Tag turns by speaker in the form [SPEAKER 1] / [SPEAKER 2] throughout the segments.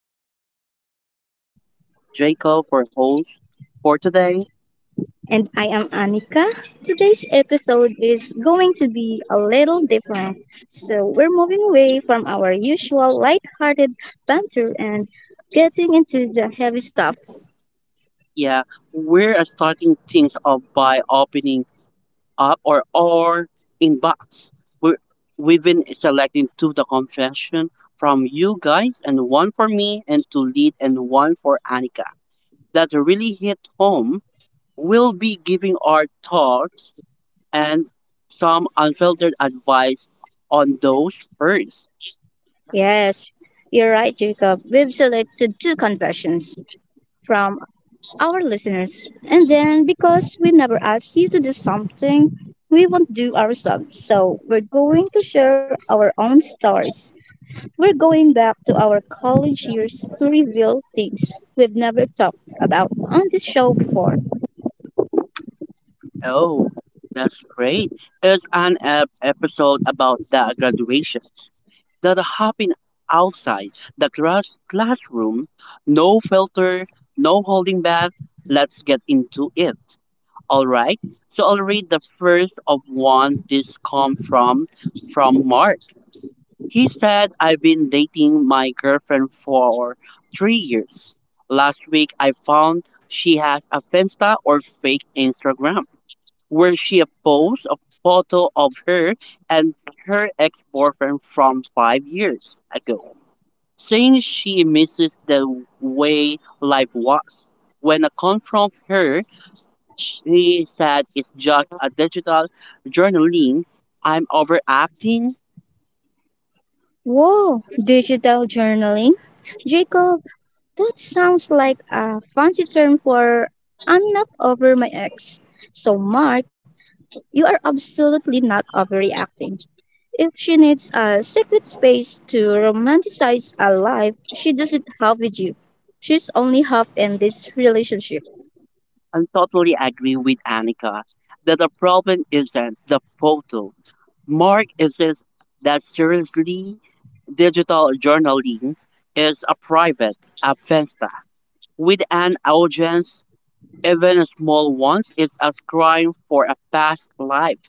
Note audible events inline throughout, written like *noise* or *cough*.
[SPEAKER 1] My name is Jacob, for host for today.
[SPEAKER 2] And I am Anika. Today's episode is going to be a little different. So, we're moving away from our usual light-hearted banter and getting into the heavy stuff.
[SPEAKER 1] Yeah, we're starting things off by opening up or our inbox. We're, we've been selecting two the confession from you guys, and one for me, and to lead, and one for Annika. That really hit home. We'll be giving our thoughts and some unfiltered advice on those first.
[SPEAKER 2] Yes, you're right, Jacob. We've selected two confessions from our listeners. And then, because we never asked you to do something, we won't do ourselves. So, we're going to share our own stories. We're going back to our college years to reveal things we've never talked about on this show before.
[SPEAKER 1] Oh, that's great. It's an episode about the graduations that happen outside the classroom. No filter, no holding back. Let's get into it. All right. So I'll read the first of one. This come from Mark. He said, I've been dating my girlfriend for 3 years. Last week, I found she has a Finsta or fake Instagram where she posts a photo of her and her ex boyfriend from 5 years ago, saying she misses the way life was. When I confront her, she said it's just a digital journaling. I'm overacting.
[SPEAKER 2] Whoa, digital journaling? Jacob, that sounds like a fancy term for I'm not over my ex. So, Mark, you are absolutely not overreacting. If she needs a secret space to romanticize a life she doesn't have with you, she's only half in this relationship.
[SPEAKER 1] I totally agree with Annika that the problem isn't the photo. Mark insists that seriously digital journaling is a private affair with an audience even small ones is a crime for a past life.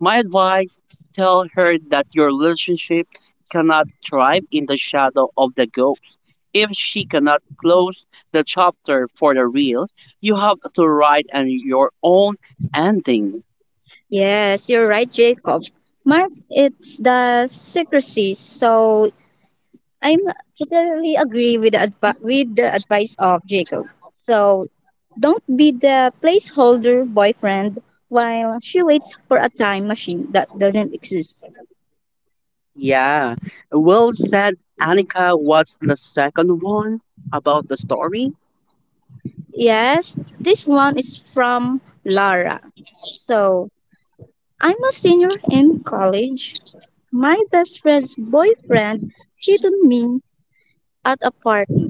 [SPEAKER 1] My advice, tell her that your relationship cannot thrive in the shadow of the ghost. If she cannot close the chapter for the real, you have to write an, your own ending.
[SPEAKER 2] Yes, you're right, Jacob. Mark, it's the secrecy. So I'm totally agree with the advice of Jacob. So don't be the placeholder boyfriend while she waits for a time machine that doesn't exist.
[SPEAKER 1] Yeah. Well said, Annika. What's the second one about the story?
[SPEAKER 2] Yes, this one is from Lara. So I'm a senior in college. My best friend's boyfriend hit on me at a party.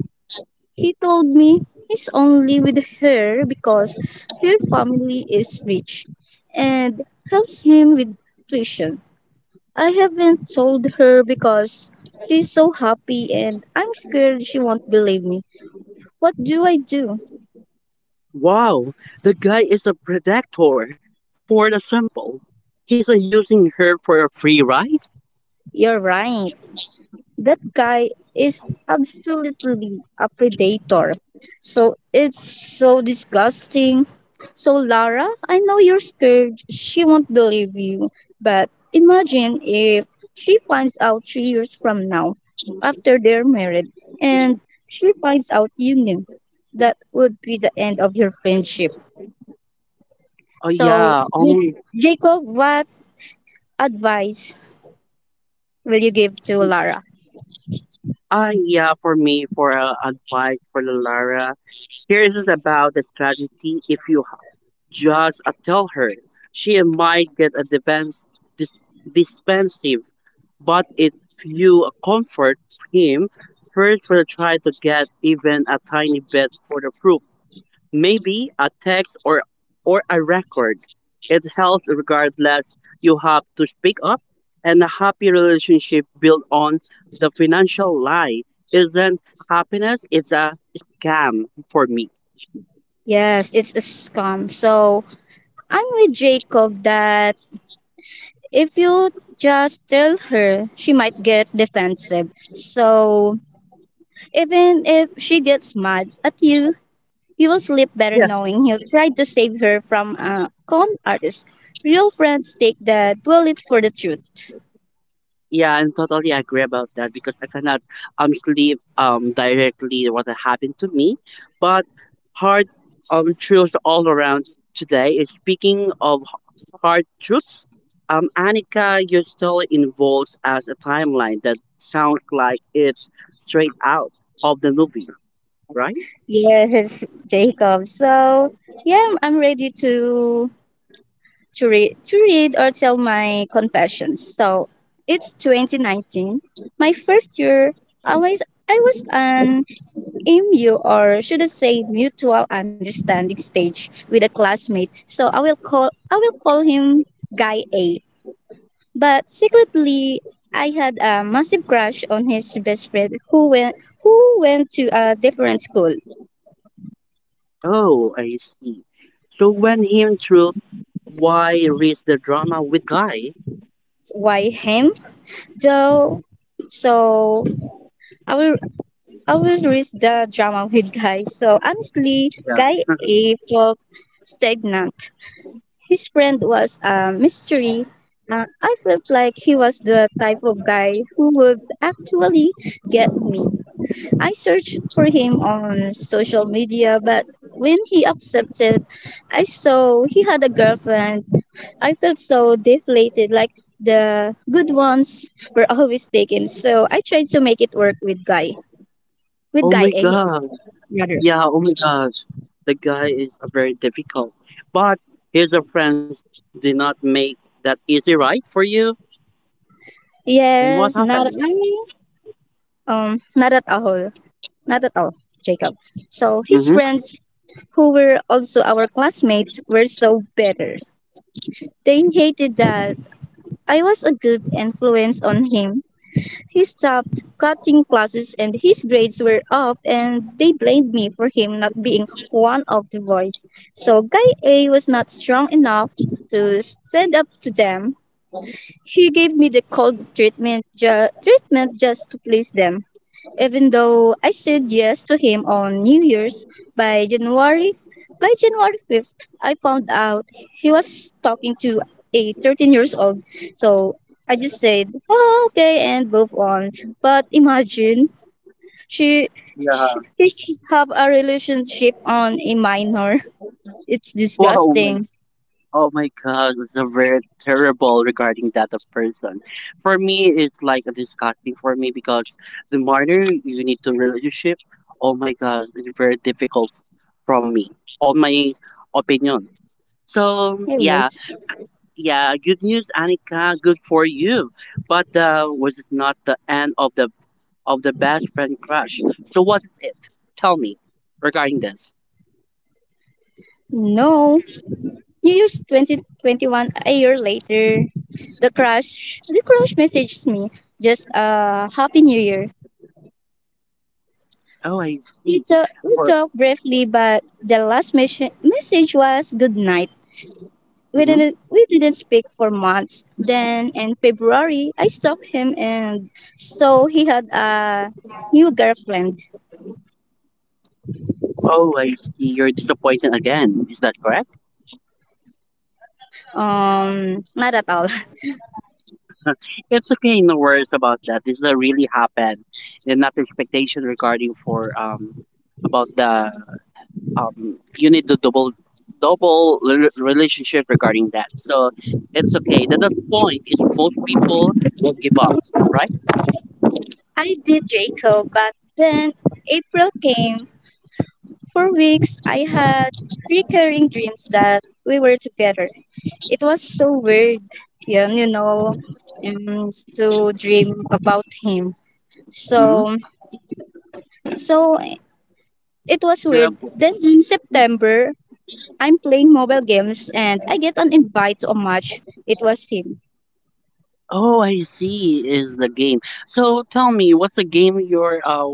[SPEAKER 2] He told me he's only with her because her family is rich and helps him with tuition. I haven't told her because she's so happy and I'm scared she won't believe me. What do I do?
[SPEAKER 1] Wow, the guy is a predator for the sample. He's using her for a free ride?
[SPEAKER 2] You're right. That guy is absolutely a predator. So it's so disgusting. So, Lara, I know you're scared. She won't believe you. But imagine if she finds out 3 years from now, after they're married, and she finds out you knew. That would be the end of your friendship.
[SPEAKER 1] Oh
[SPEAKER 2] So,
[SPEAKER 1] yeah,
[SPEAKER 2] Jacob, what advice will you give to Lara?
[SPEAKER 1] ah yeah, for me for advice for the Lara. Here is about the strategy. If you just tell her, she might get a defense dis- defensive. But if you comfort him first, will try to get even a tiny bit for the proof. Maybe a text or a record. It helps regardless. You have to speak up, and a happy relationship built on the financial lie isn't happiness, it's a scam for me.
[SPEAKER 2] Yes, it's a scam. So, I'm with Jacob that if you just tell her, she might get defensive. So even if she gets mad at you, you will sleep better knowing he'll try to save her from a con artist. Real friends take the bullet for the truth.
[SPEAKER 1] Yeah, I'm totally agree about that because I cannot sleep directly what happened to me, but hard truths all around today. Is speaking of hard truths, Annika, your story involves as a timeline that sounds like it's straight out of the movie, right?
[SPEAKER 2] Yes, Jacob. So yeah, I'm ready to read or tell my confessions. So it's 2019, my first year. I was I was an MU or should I say mutual understanding stage with a classmate. So I will call him guy A. But secretly I had a massive crush on his best friend who went to a different school.
[SPEAKER 1] Oh, I see. So when him truth, why risk the drama with guy?
[SPEAKER 2] Why him? Though so I will I will risk the drama with guy. So honestly
[SPEAKER 1] Yeah.
[SPEAKER 2] guy
[SPEAKER 1] *laughs*
[SPEAKER 2] A felt stagnant. His friend was a mystery. I felt like he was the type of guy who would actually get me. I searched for him on social media, but when he accepted, I saw he had a girlfriend. I felt so deflated, like the good ones were always taken. So I tried to make it work with
[SPEAKER 1] Oh
[SPEAKER 2] guy
[SPEAKER 1] my
[SPEAKER 2] A
[SPEAKER 1] god.
[SPEAKER 2] rather.
[SPEAKER 1] Yeah, oh my gosh. The guy is very difficult. But his friends did not make that easy right for you. And what
[SPEAKER 2] Yes, not
[SPEAKER 1] happened?
[SPEAKER 2] at all. Not at all. Not at all, Jacob. So his
[SPEAKER 1] Mm-hmm.
[SPEAKER 2] friends who were also our classmates, were so bitter. They hated that I was a good influence on him. He stopped cutting classes and his grades were up and they blamed me for him not being one of the boys. So guy A was not strong enough to stand up to them. He gave me the cold treatment just to please them even though I said yes to him on New Year's. by January by January 5th, I found out he was talking to a 13 years old. So I just said, "Oh, okay, and move on. But imagine she, she
[SPEAKER 1] Yeah.
[SPEAKER 2] he have a relationship on a minor. It's
[SPEAKER 1] Whoa, my,
[SPEAKER 2] disgusting.
[SPEAKER 1] oh my gosh. It's a very terrible regarding that person. For me, it's like disgusting for me because the harder you need to relationship, oh my gosh, it's very difficult from me. On my opinion. So, yeah,
[SPEAKER 2] Yes.
[SPEAKER 1] yeah, good news, Annika. Good for you. But was it not the end of the best friend crush? So what is it? Tell me regarding this.
[SPEAKER 2] No. New Year's 2021, a year later, the crush messaged me just a happy new year.
[SPEAKER 1] Oh, I
[SPEAKER 2] We,
[SPEAKER 1] see.
[SPEAKER 2] talk, we
[SPEAKER 1] Or
[SPEAKER 2] talked briefly, but the last message was good night.
[SPEAKER 1] mhm.
[SPEAKER 2] We didn't speak for months. Then in February, I stalked him, and so he had a new girlfriend.
[SPEAKER 1] Oh, I see. You're disappointed again. Is that correct?
[SPEAKER 2] Not at all.
[SPEAKER 1] It's okay. No worries about that. This is really happened. And not expectation regarding for about the you need to double relationship regarding that. So it's okay. The point is most people will give up, right?
[SPEAKER 2] *laughs* I did, Jacob, but then April came. For weeks, I had recurring dreams that we were together. It was so weird, yeah, to dream about him.
[SPEAKER 1] Mm-hmm.
[SPEAKER 2] So So it was
[SPEAKER 1] You're up.
[SPEAKER 2] weird. Then in September, I'm playing mobile games and I get an invite to a match. It was him.
[SPEAKER 1] Oh, I see. Is the game. So tell me, what's the game you're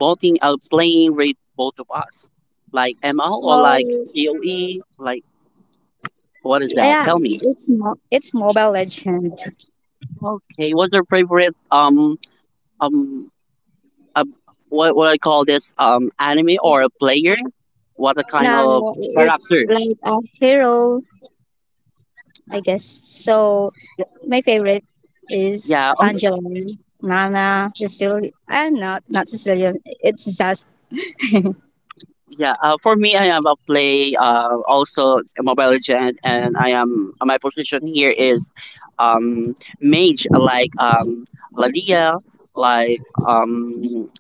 [SPEAKER 1] voting out playing with both of us? Like ML or
[SPEAKER 2] So
[SPEAKER 1] like COE? Like what is that?
[SPEAKER 2] yeah,
[SPEAKER 1] Tell me.
[SPEAKER 2] it's Mobile Legend.
[SPEAKER 1] Okay, what's your favorite um a what I call this anime or a player? What a kind
[SPEAKER 2] Now
[SPEAKER 1] of
[SPEAKER 2] it's
[SPEAKER 1] character?
[SPEAKER 2] like a hero, I guess. So my favorite is
[SPEAKER 1] Yeah,
[SPEAKER 2] Angela, Nana, Cecilia. I'm not Cecilia. It's just,
[SPEAKER 1] yeah. For me, I am a play. Also a mobile legend, and I am my position here is, um, mage like Ladia, like um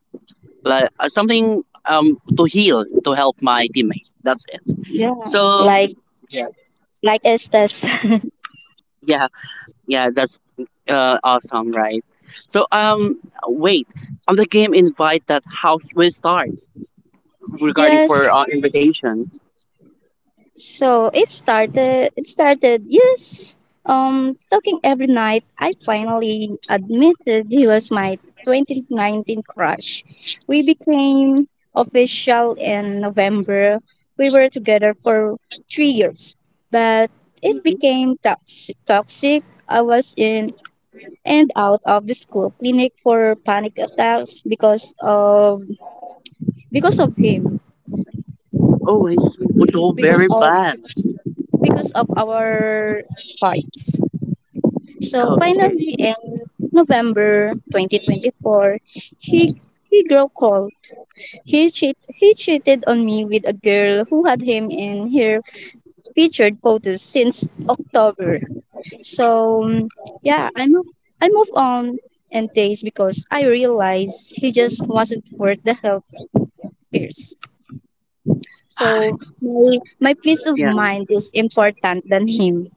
[SPEAKER 1] like something to heal to help my teammate. That's it.
[SPEAKER 2] yeah,
[SPEAKER 1] So
[SPEAKER 2] like like Estes.
[SPEAKER 1] yeah, yeah, that's awesome, right? So, wait, on the game invite that house will start
[SPEAKER 2] *laughs*
[SPEAKER 1] regarding for
[SPEAKER 2] Yes.
[SPEAKER 1] invitation.
[SPEAKER 2] So it started. It started. Yes. Talking every night. I finally admitted he was my 2019 crush. We became official in November. We were together for 3 years, but it
[SPEAKER 1] Mhm.
[SPEAKER 2] became toxic. Toxic. I was in and out of the school clinic for panic attacks because of him,
[SPEAKER 1] Oh, I see. It was all
[SPEAKER 2] because
[SPEAKER 1] very
[SPEAKER 2] of
[SPEAKER 1] bad.
[SPEAKER 2] because of our fights. So
[SPEAKER 1] Okay.
[SPEAKER 2] finally, in November 2024, he he grew cold. He cheated on me with a girl who had him in her featured photos since October. So yeah, I move on and days because I realized he just wasn't worth the help fears. So
[SPEAKER 1] *sighs*
[SPEAKER 2] my peace of
[SPEAKER 1] Yeah,
[SPEAKER 2] mind is important than him.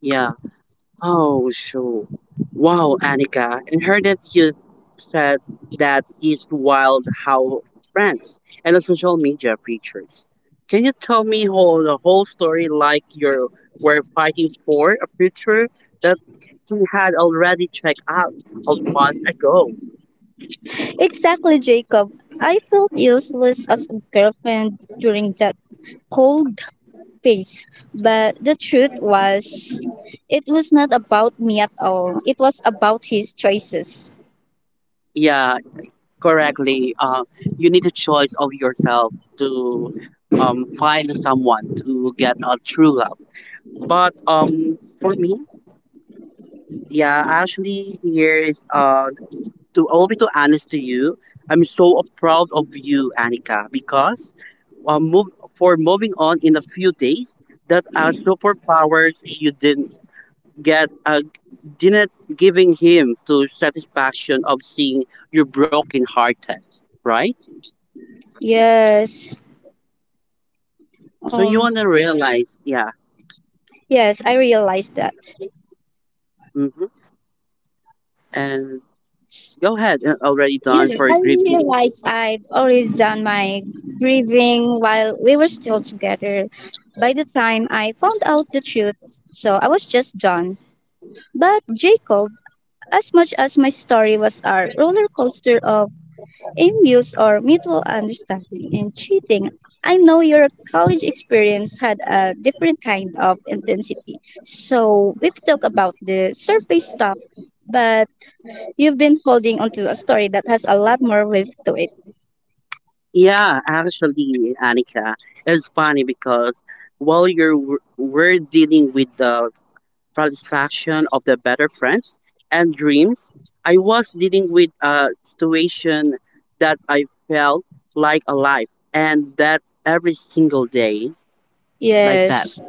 [SPEAKER 1] yeah. Oh, so wow, Annika. And heard that you said that it's wild how friends and the social media features. Can you tell me whole the whole story like you were fighting for a future that you had already checked out a month ago?
[SPEAKER 2] Exactly, Jacob. I felt useless as a girlfriend during that cold face. But the truth was, it was not about me at all. It was about his choices.
[SPEAKER 1] Yeah, correctly. You need a choice of yourself to find someone to get a true love. But for me, yeah, actually, here's to I'll be too honest to you. I'm so proud of you, Annika, because move for moving on in a few days. That are superpowers you didn't get, uh, giving him to satisfaction of seeing you broken hearted, right?
[SPEAKER 2] Yes.
[SPEAKER 1] So you
[SPEAKER 2] Um.
[SPEAKER 1] wanna realize, yeah.
[SPEAKER 2] Yes, I realized that.
[SPEAKER 1] Mm-hmm. And go ahead, already done
[SPEAKER 2] Yeah,
[SPEAKER 1] for
[SPEAKER 2] I
[SPEAKER 1] grieving.
[SPEAKER 2] realized I'd already done my grieving while we were still together. By the time I found out the truth, so I was just done. But Jacob, as much as my story was our roller coaster of aim views or mutual understanding in cheating. I know your college experience had a different kind of intensity. So we've talked about the surface stuff, but you've been holding onto a story that has a lot more width to it.
[SPEAKER 1] Yeah, actually, Anika, it's funny because while we're dealing with the satisfaction of the better friends and dreams, I was dealing with a situation that I felt like alive and that every single day like that.
[SPEAKER 2] Yes.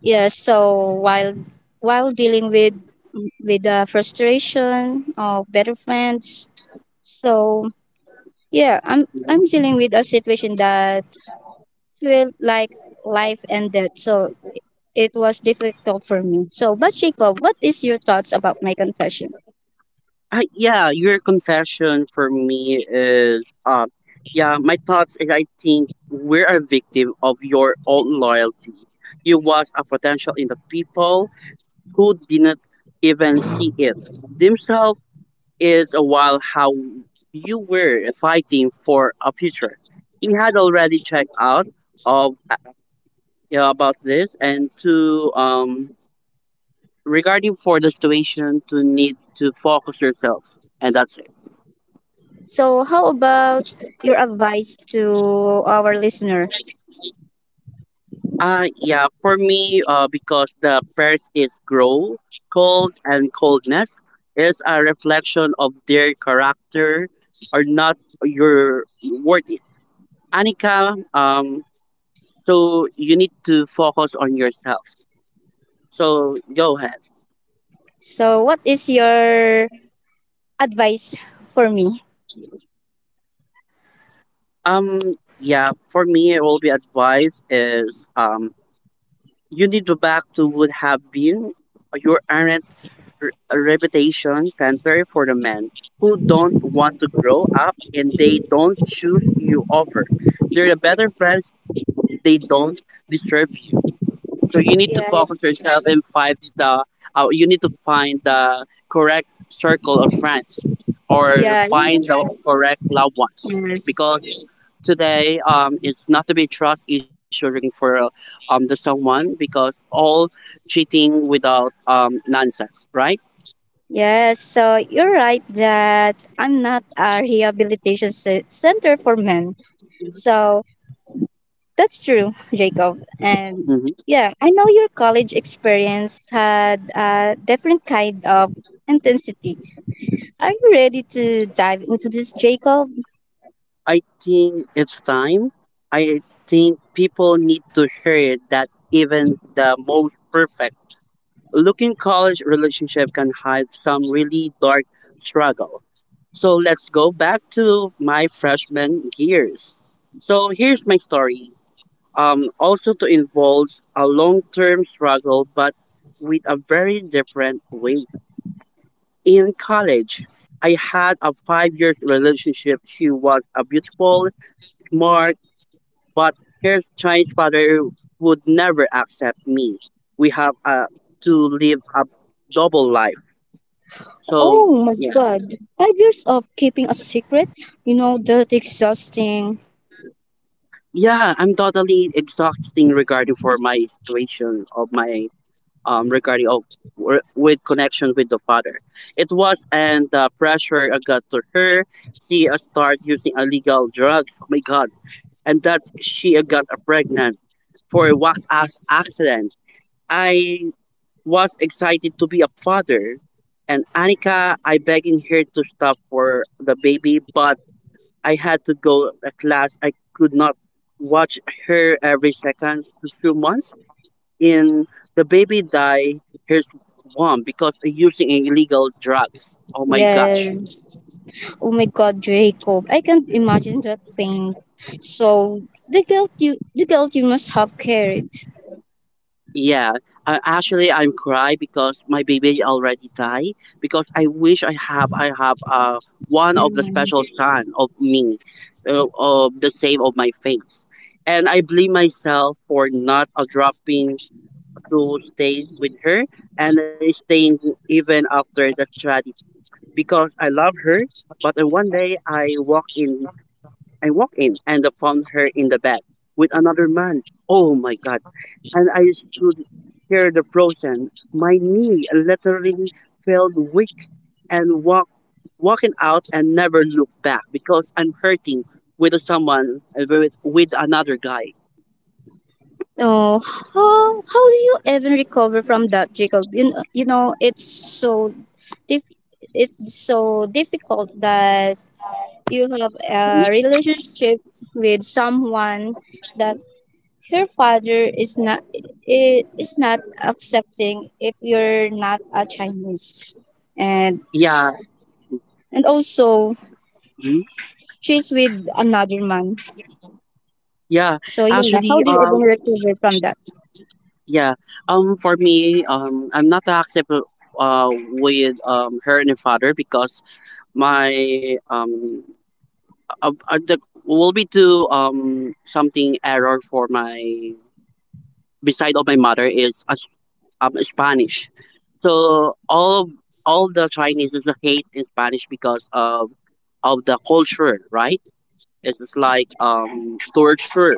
[SPEAKER 2] Yes. So while dealing with the frustration of better friends, so yeah, I'm dealing with a situation that felt like life and death. So it was difficult for me. So, but Jacob, what is your thoughts about my confession?
[SPEAKER 1] Yeah, your confession for me is, yeah, my thoughts is I think we're a victim of your own loyalty. You was a potential in the people who didn't even see it themselves. Is a while how you were fighting for a future. He had already checked out of yeah, about this and to regarding for the situation to need to focus yourself and that's it.
[SPEAKER 2] So, how about your advice to our listener?
[SPEAKER 1] Yeah, for me, because the pairs is grow, cold and coldness is a reflection of their character or not your worthy Anika, so you need to focus on yourself. So go ahead.
[SPEAKER 2] So, what is your advice for me?
[SPEAKER 1] Yeah, for me, it will be advice is you need to back to would have been. You aren't a reputation center for the men who don't want to grow up and they don't choose you over. They're the better friends, they don't disturb you. So you need to
[SPEAKER 2] Yes,
[SPEAKER 1] focus yourself and find the you need to find the correct circle of friends or
[SPEAKER 2] yeah, yeah.
[SPEAKER 1] find the correct loved ones
[SPEAKER 2] Yes,
[SPEAKER 1] because today it's not to be a trust issue regarding for the someone because all cheating without nonsense right.
[SPEAKER 2] yes. So you're right that I'm not a rehabilitation center for men. So that's true, Jacob. And
[SPEAKER 1] Mm-hmm.
[SPEAKER 2] yeah, I know your college experience had a different kind of intensity. Are you ready to dive into this, Jacob?
[SPEAKER 1] I think it's time. I think people need to hear it that even the most perfect looking college relationship can hide some really dark struggle. So let's go back to my freshman years. So here's my story. Also to involves a long term struggle, but with a very different way. In college, I had a 5 year relationship. She was a beautiful, smart But her grandfather would never accept me. We have to live a double life. So
[SPEAKER 2] Oh my
[SPEAKER 1] yeah,
[SPEAKER 2] god. 5 years of keeping a secret? You know, that's exhausting.
[SPEAKER 1] yeah, I'm totally exhausting regarding for my situation of my regarding of with connection with the father. It was and the pressure I got to her. She start using illegal drugs. Oh my god! And that she got pregnant for a wax ass accident. I was excited to be a father, and Anika, I begging her to stop for the baby, but I had to go a class. I could not watch her every second to few months. And the baby died. Her mom because using illegal drugs. Oh my gosh.
[SPEAKER 2] Yes. Oh my god, Jacob. I can't imagine that pain. So, the guilt you must have carried.
[SPEAKER 1] Yeah, actually, I'm cry because my baby already die because I wish I have one of the
[SPEAKER 2] Mm.
[SPEAKER 1] special son of me, of the same of my face, and I blame myself for not dropping to stay with her and staying even after the tragedy because I love her. But then one day I walked in and found her in the bed with another man. Oh my God. And I stood here the frozen. My knee literally felt weak and walking out and never looked back because I'm hurting with someone, with another guy.
[SPEAKER 2] Oh, how do you even recover from that, Jacob? You know it's so diff- difficult that you have a relationship with someone that her father is not accepting if you're not a Chinese, and
[SPEAKER 1] Yeah.
[SPEAKER 2] also
[SPEAKER 1] Mhm.
[SPEAKER 2] she's with another man.
[SPEAKER 1] Yeah.
[SPEAKER 2] So yeah, how
[SPEAKER 1] Actually,
[SPEAKER 2] do you even recover from that?
[SPEAKER 1] yeah. For me, I'm not acceptable with her and her father because my uh, uh, the, will be to something error for my beside of my mother is Spanish. So all of- all the Chinese is hate in Spanish because of the culture, right? It is like torture.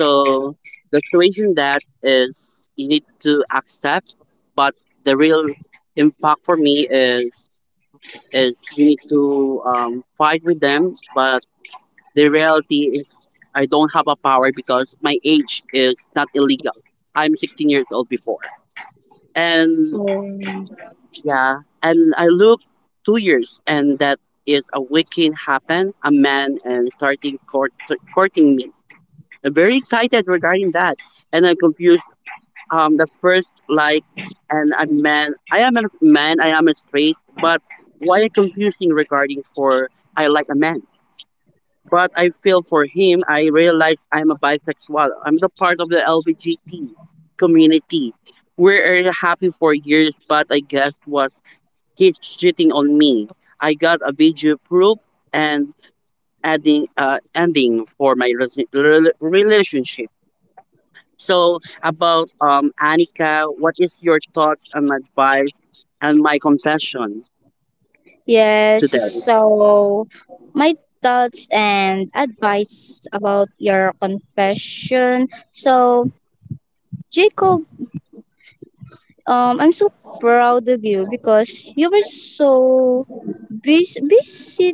[SPEAKER 1] So the situation that is you need to accept, but the real impact for me is you need to fight with them, but the reality is I don't have a power because my age is not illegal. I'm 16 years old before. And
[SPEAKER 2] Um,
[SPEAKER 1] yeah, and I look 2 years and that is a weekend happen, a man and starting courting me. I'm very excited regarding that. And I'm confused. The first like, and a man, I am a man, I am a straight, but why confusing regarding for I like a man? But I feel for him. I realize I'm a bisexual. I'm the part of the LGBT community. We are happy for years, but I guess was he's cheating on me. I got a video proof and adding ending for my relationship. So about Annika, what is your thoughts and advice and my confession
[SPEAKER 2] yes.
[SPEAKER 1] today?
[SPEAKER 2] So my thoughts and advice about your confession. So, Jacob. I'm so proud of you because you were so busy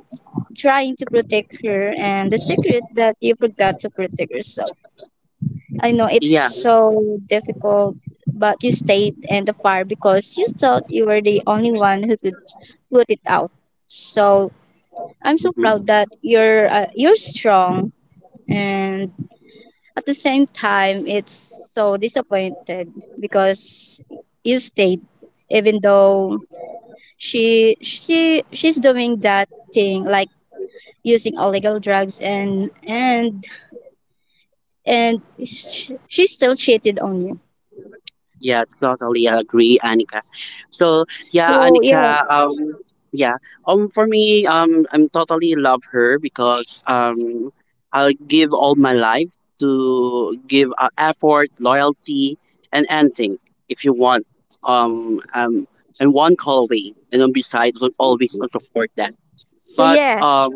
[SPEAKER 2] trying to protect her and the secret that you forgot to protect yourself. I know it's
[SPEAKER 1] Yeah.
[SPEAKER 2] so difficult, but you stayed in the fire because you thought you were the only one who could put it out. So I'm so
[SPEAKER 1] Mm-hmm.
[SPEAKER 2] proud that you're strong, and at the same time it's so disappointed because you stayed even though she's doing that thing like using illegal drugs, and she still cheated on you.
[SPEAKER 1] Yeah, totally agree, Anika. So yeah,
[SPEAKER 2] so yeah
[SPEAKER 1] Anika. Yeah. For me, I'm totally love her because I'll give all my life to give effort, loyalty, and anything if you want. Um, um, and one call away, and on beside will always support that
[SPEAKER 2] so
[SPEAKER 1] but
[SPEAKER 2] yeah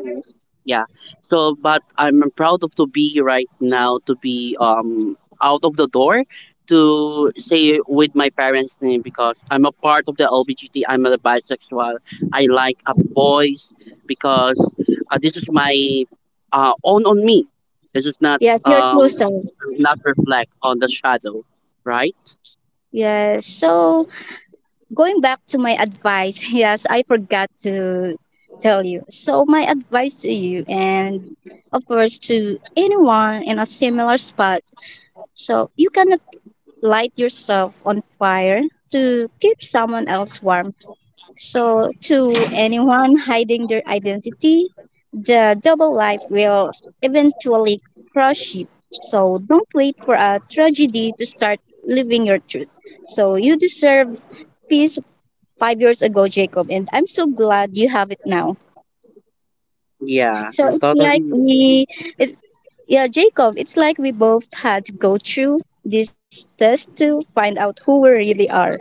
[SPEAKER 1] yeah so but I'm proud of to be right now to be out of the door to say with my parents name because I'm a part of the LBGT. I'm a bisexual. I like a boys because this is my own on me. This is not
[SPEAKER 2] yes, your true self.
[SPEAKER 1] not reflect on the shadow, right?
[SPEAKER 2] Yes. So going back to my advice. *laughs* Yes, I forgot to tell you. So my advice to you, and of course to anyone in a similar spot, so you cannot light yourself on fire to keep someone else warm. So, to anyone hiding their identity, the double life will eventually crush you. So, don't wait for a tragedy to start living your truth. So, you deserve peace 5 years ago, Jacob, and I'm so glad you have it now.
[SPEAKER 1] Yeah,
[SPEAKER 2] So,
[SPEAKER 1] and
[SPEAKER 2] it's like
[SPEAKER 1] totally.
[SPEAKER 2] we, it, yeah, Jacob, it's like we both had to go through this test to find out who we really are.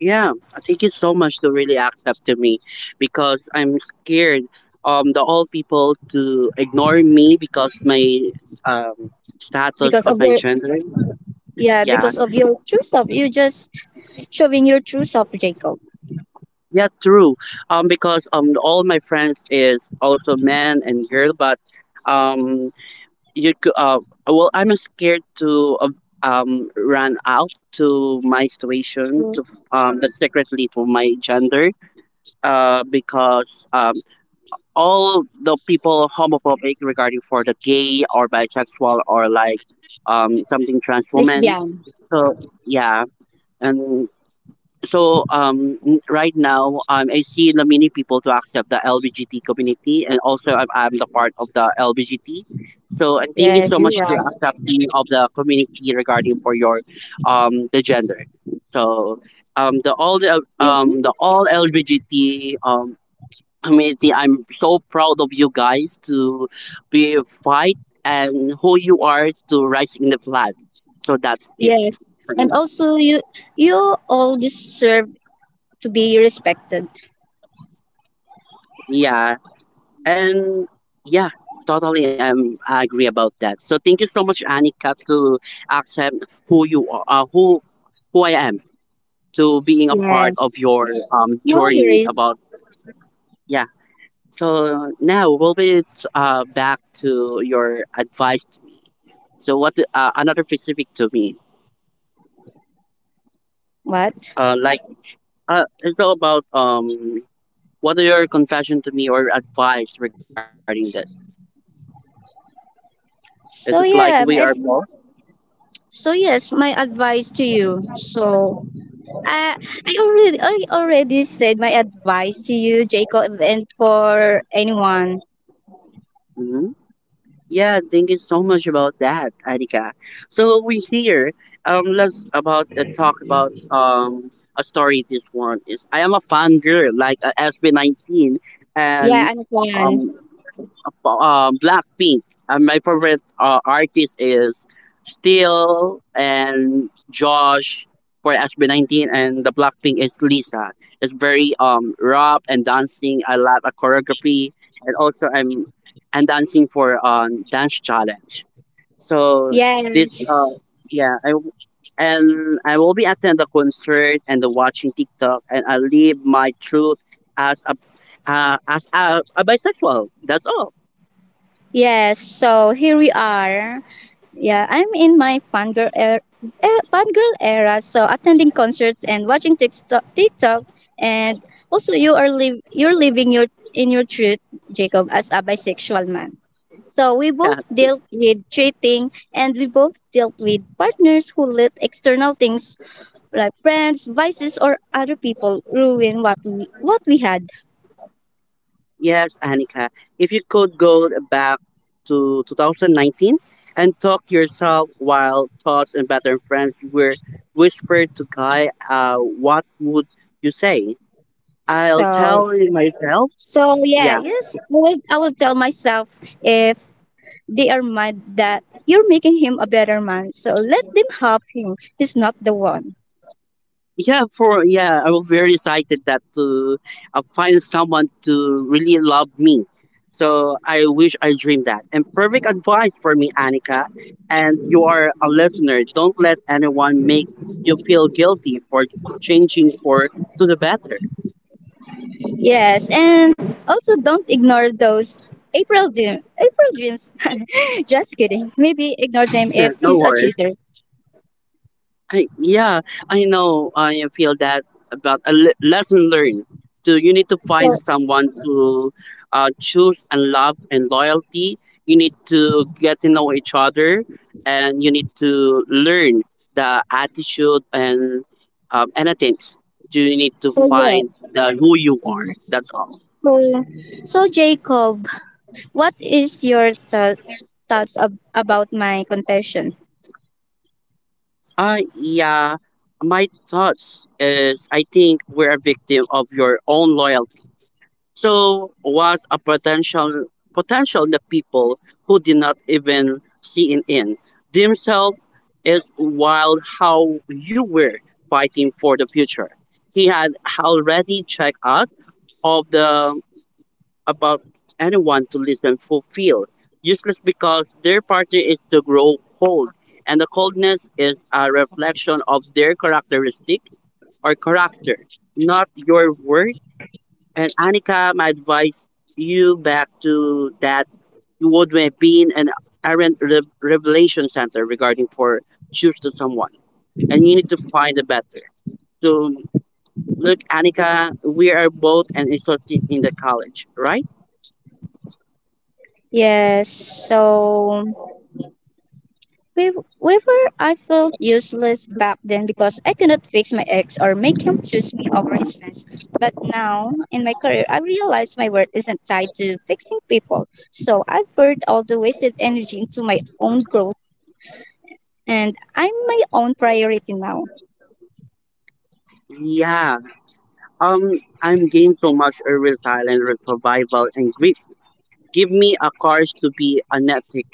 [SPEAKER 1] Yeah, thank you so much to really act up to me because I'm scared the all people to ignore me because my um status
[SPEAKER 2] because
[SPEAKER 1] of
[SPEAKER 2] of
[SPEAKER 1] my
[SPEAKER 2] your
[SPEAKER 1] gender.
[SPEAKER 2] Yeah,
[SPEAKER 1] Yeah.
[SPEAKER 2] because of your true self. You just showing your true self, Jacob.
[SPEAKER 1] Yeah, true. Because all my friends is also man and girl but um you could well I'm scared to run out to my situation
[SPEAKER 2] So,
[SPEAKER 1] to the secretly for my gender because all the people homophobic regarding for the gay or bisexual or like something trans woman.
[SPEAKER 2] lesbian.
[SPEAKER 1] So yeah, and so right now I see the many people to accept the LGBT community and also I'm the part of the LGBT. So and thank you
[SPEAKER 2] Yes,
[SPEAKER 1] so
[SPEAKER 2] you're
[SPEAKER 1] much to
[SPEAKER 2] right.
[SPEAKER 1] accepting of the community regarding for your the gender. So
[SPEAKER 2] You,
[SPEAKER 1] the all LGBT community. I'm so proud of you guys to be fight and who you are to rising the flag. So that's it
[SPEAKER 2] yes.
[SPEAKER 1] for me.
[SPEAKER 2] And also you all deserve to be respected.
[SPEAKER 1] Yeah. And yeah, totally I agree about that. So thank you so much, Anika, to accept who you are who I am to being a part of
[SPEAKER 2] Yes.
[SPEAKER 1] your
[SPEAKER 2] No
[SPEAKER 1] journey
[SPEAKER 2] worries.
[SPEAKER 1] about yeah. So now we'll be back to your advice to me. So what another specific to me.
[SPEAKER 2] What?
[SPEAKER 1] Like it's all about what are your confession to me or advice regarding this? Is
[SPEAKER 2] So
[SPEAKER 1] it like
[SPEAKER 2] yeah,
[SPEAKER 1] we are both.
[SPEAKER 2] so yes, my advice to you. So I already said my advice to you, Jacob, and for anyone.
[SPEAKER 1] Mhm. Yeah, thank you so much about that, Erika. So we here. Let's about talk about a story. This one is I am a fan girl, like a SB 19,
[SPEAKER 2] Yeah,
[SPEAKER 1] and
[SPEAKER 2] I'm one.
[SPEAKER 1] um Blackpink. And my favorite artist is Steel and Josh for SB19, and the Blackpink is Lisa. It's very rap and dancing. I love a choreography, and also I'm and dancing for dance challenge. So this
[SPEAKER 2] Yes.
[SPEAKER 1] yeah I and I will be attend the concert and the watching TikTok, and I live my truth as a a bisexual. That's all.
[SPEAKER 2] Yes, so here we are. Yeah, I'm in my fangirl era, so attending concerts and watching TikTok. And also you are live you're living your in your truth, Jacob, as a bisexual man. So we
[SPEAKER 1] Yeah.
[SPEAKER 2] both dealt with cheating and we both dealt with partners who let external things like friends, vices or other people ruin what we had.
[SPEAKER 1] Yes, Annika. If you could go back to 2019 and talk to yourself while thoughts and better friends were whispered to Guy, what would you say? I'll
[SPEAKER 2] So
[SPEAKER 1] tell myself,
[SPEAKER 2] Yeah,
[SPEAKER 1] yeah,
[SPEAKER 2] yes, I will tell myself, if they are mad that you're making him a better man, so let them have him. He's not the one.
[SPEAKER 1] yeah for yeah I was very excited that to find someone to really love me so I wish I dreamed that and perfect advice for me, Annika. And you are a listener, don't let anyone make you feel guilty for changing for to the better.
[SPEAKER 2] Yes, and also don't ignore those April dreams. *laughs* Just kidding. Maybe ignore them
[SPEAKER 1] Yeah,
[SPEAKER 2] if
[SPEAKER 1] no
[SPEAKER 2] he's a
[SPEAKER 1] worries.
[SPEAKER 2] cheater.
[SPEAKER 1] I, yeah, I know. I feel that about a lesson learned. So you need to
[SPEAKER 2] So
[SPEAKER 1] find someone to choose and love and loyalty. You need to get to know each other, and you need to learn the attitude and anything. So you need to
[SPEAKER 2] yeah.
[SPEAKER 1] find the who you are. That's all.
[SPEAKER 2] So Jacob, what is your thoughts about my confession?
[SPEAKER 1] I yeah. My thoughts is I think we're a victim of your own loyalty. So was a potential potential the people who did not even see it in. Themselves is wild how you were fighting for the future. He had already checked out of the about anyone to listen fulfill. Useless because their partner is to grow cold and the coldness is a reflection of their characteristic or character, not your worth and Anika, my advice you back to that you would have been an errant revelation center regarding for choose to someone, and you need to find a better. So look, Anika, we are both an interested in the college, right?
[SPEAKER 2] Yes. So whenever I felt useless back then because I could not fix my ex or make him choose me over his friends. But now, in my career, I realize my worth isn't tied to fixing people. So I've poured all the wasted energy into my own growth and I'm my own priority now.
[SPEAKER 1] Yeah. I'm game so much a real silent real survival and grip. Give me a courage to be authentic,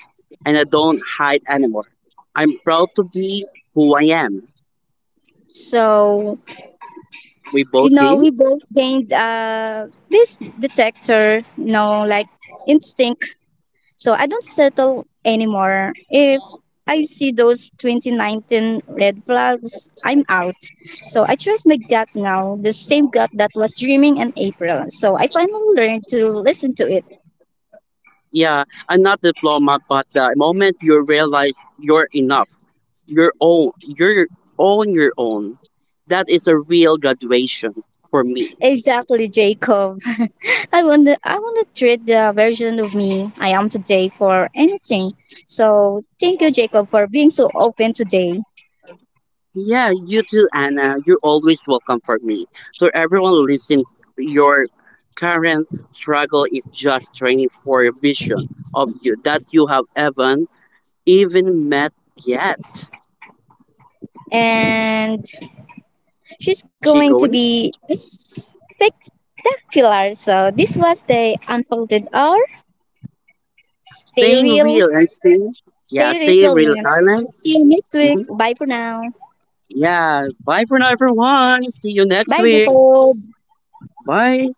[SPEAKER 1] and I don't hide anymore. I'm proud to be who I am.
[SPEAKER 2] So,
[SPEAKER 1] We both game.
[SPEAKER 2] we both gained this detector, like instinct. So I don't settle anymore. If I see those 2019 red flags, I'm out. So I trust my gut now, the same gut that was dreaming in April. So I finally learned to listen to it.
[SPEAKER 1] Yeah, I'm not diploma, but the moment you realize you're enough, you're own, you're on your own. That is a real graduation for me.
[SPEAKER 2] Exactly, Jacob. *laughs* I want to treat the version of me I am today for anything. So thank you, Jacob, for being so open today.
[SPEAKER 1] Yeah, you too, Anna. You're always welcome for me. So everyone listen, your current struggle is just training for a vision of you that you have haven't even met yet.
[SPEAKER 2] And she's
[SPEAKER 1] She
[SPEAKER 2] going to
[SPEAKER 1] going?
[SPEAKER 2] be spectacular. So this was the unfolded hour. Stay
[SPEAKER 1] Staying
[SPEAKER 2] real,
[SPEAKER 1] real and staying,
[SPEAKER 2] stay
[SPEAKER 1] yeah, staying real
[SPEAKER 2] resilient.
[SPEAKER 1] silent.
[SPEAKER 2] See you next week. Bye for now.
[SPEAKER 1] Yeah. Bye for now, everyone. See you next
[SPEAKER 2] Bye,
[SPEAKER 1] week.
[SPEAKER 2] Jacob.
[SPEAKER 1] Bye.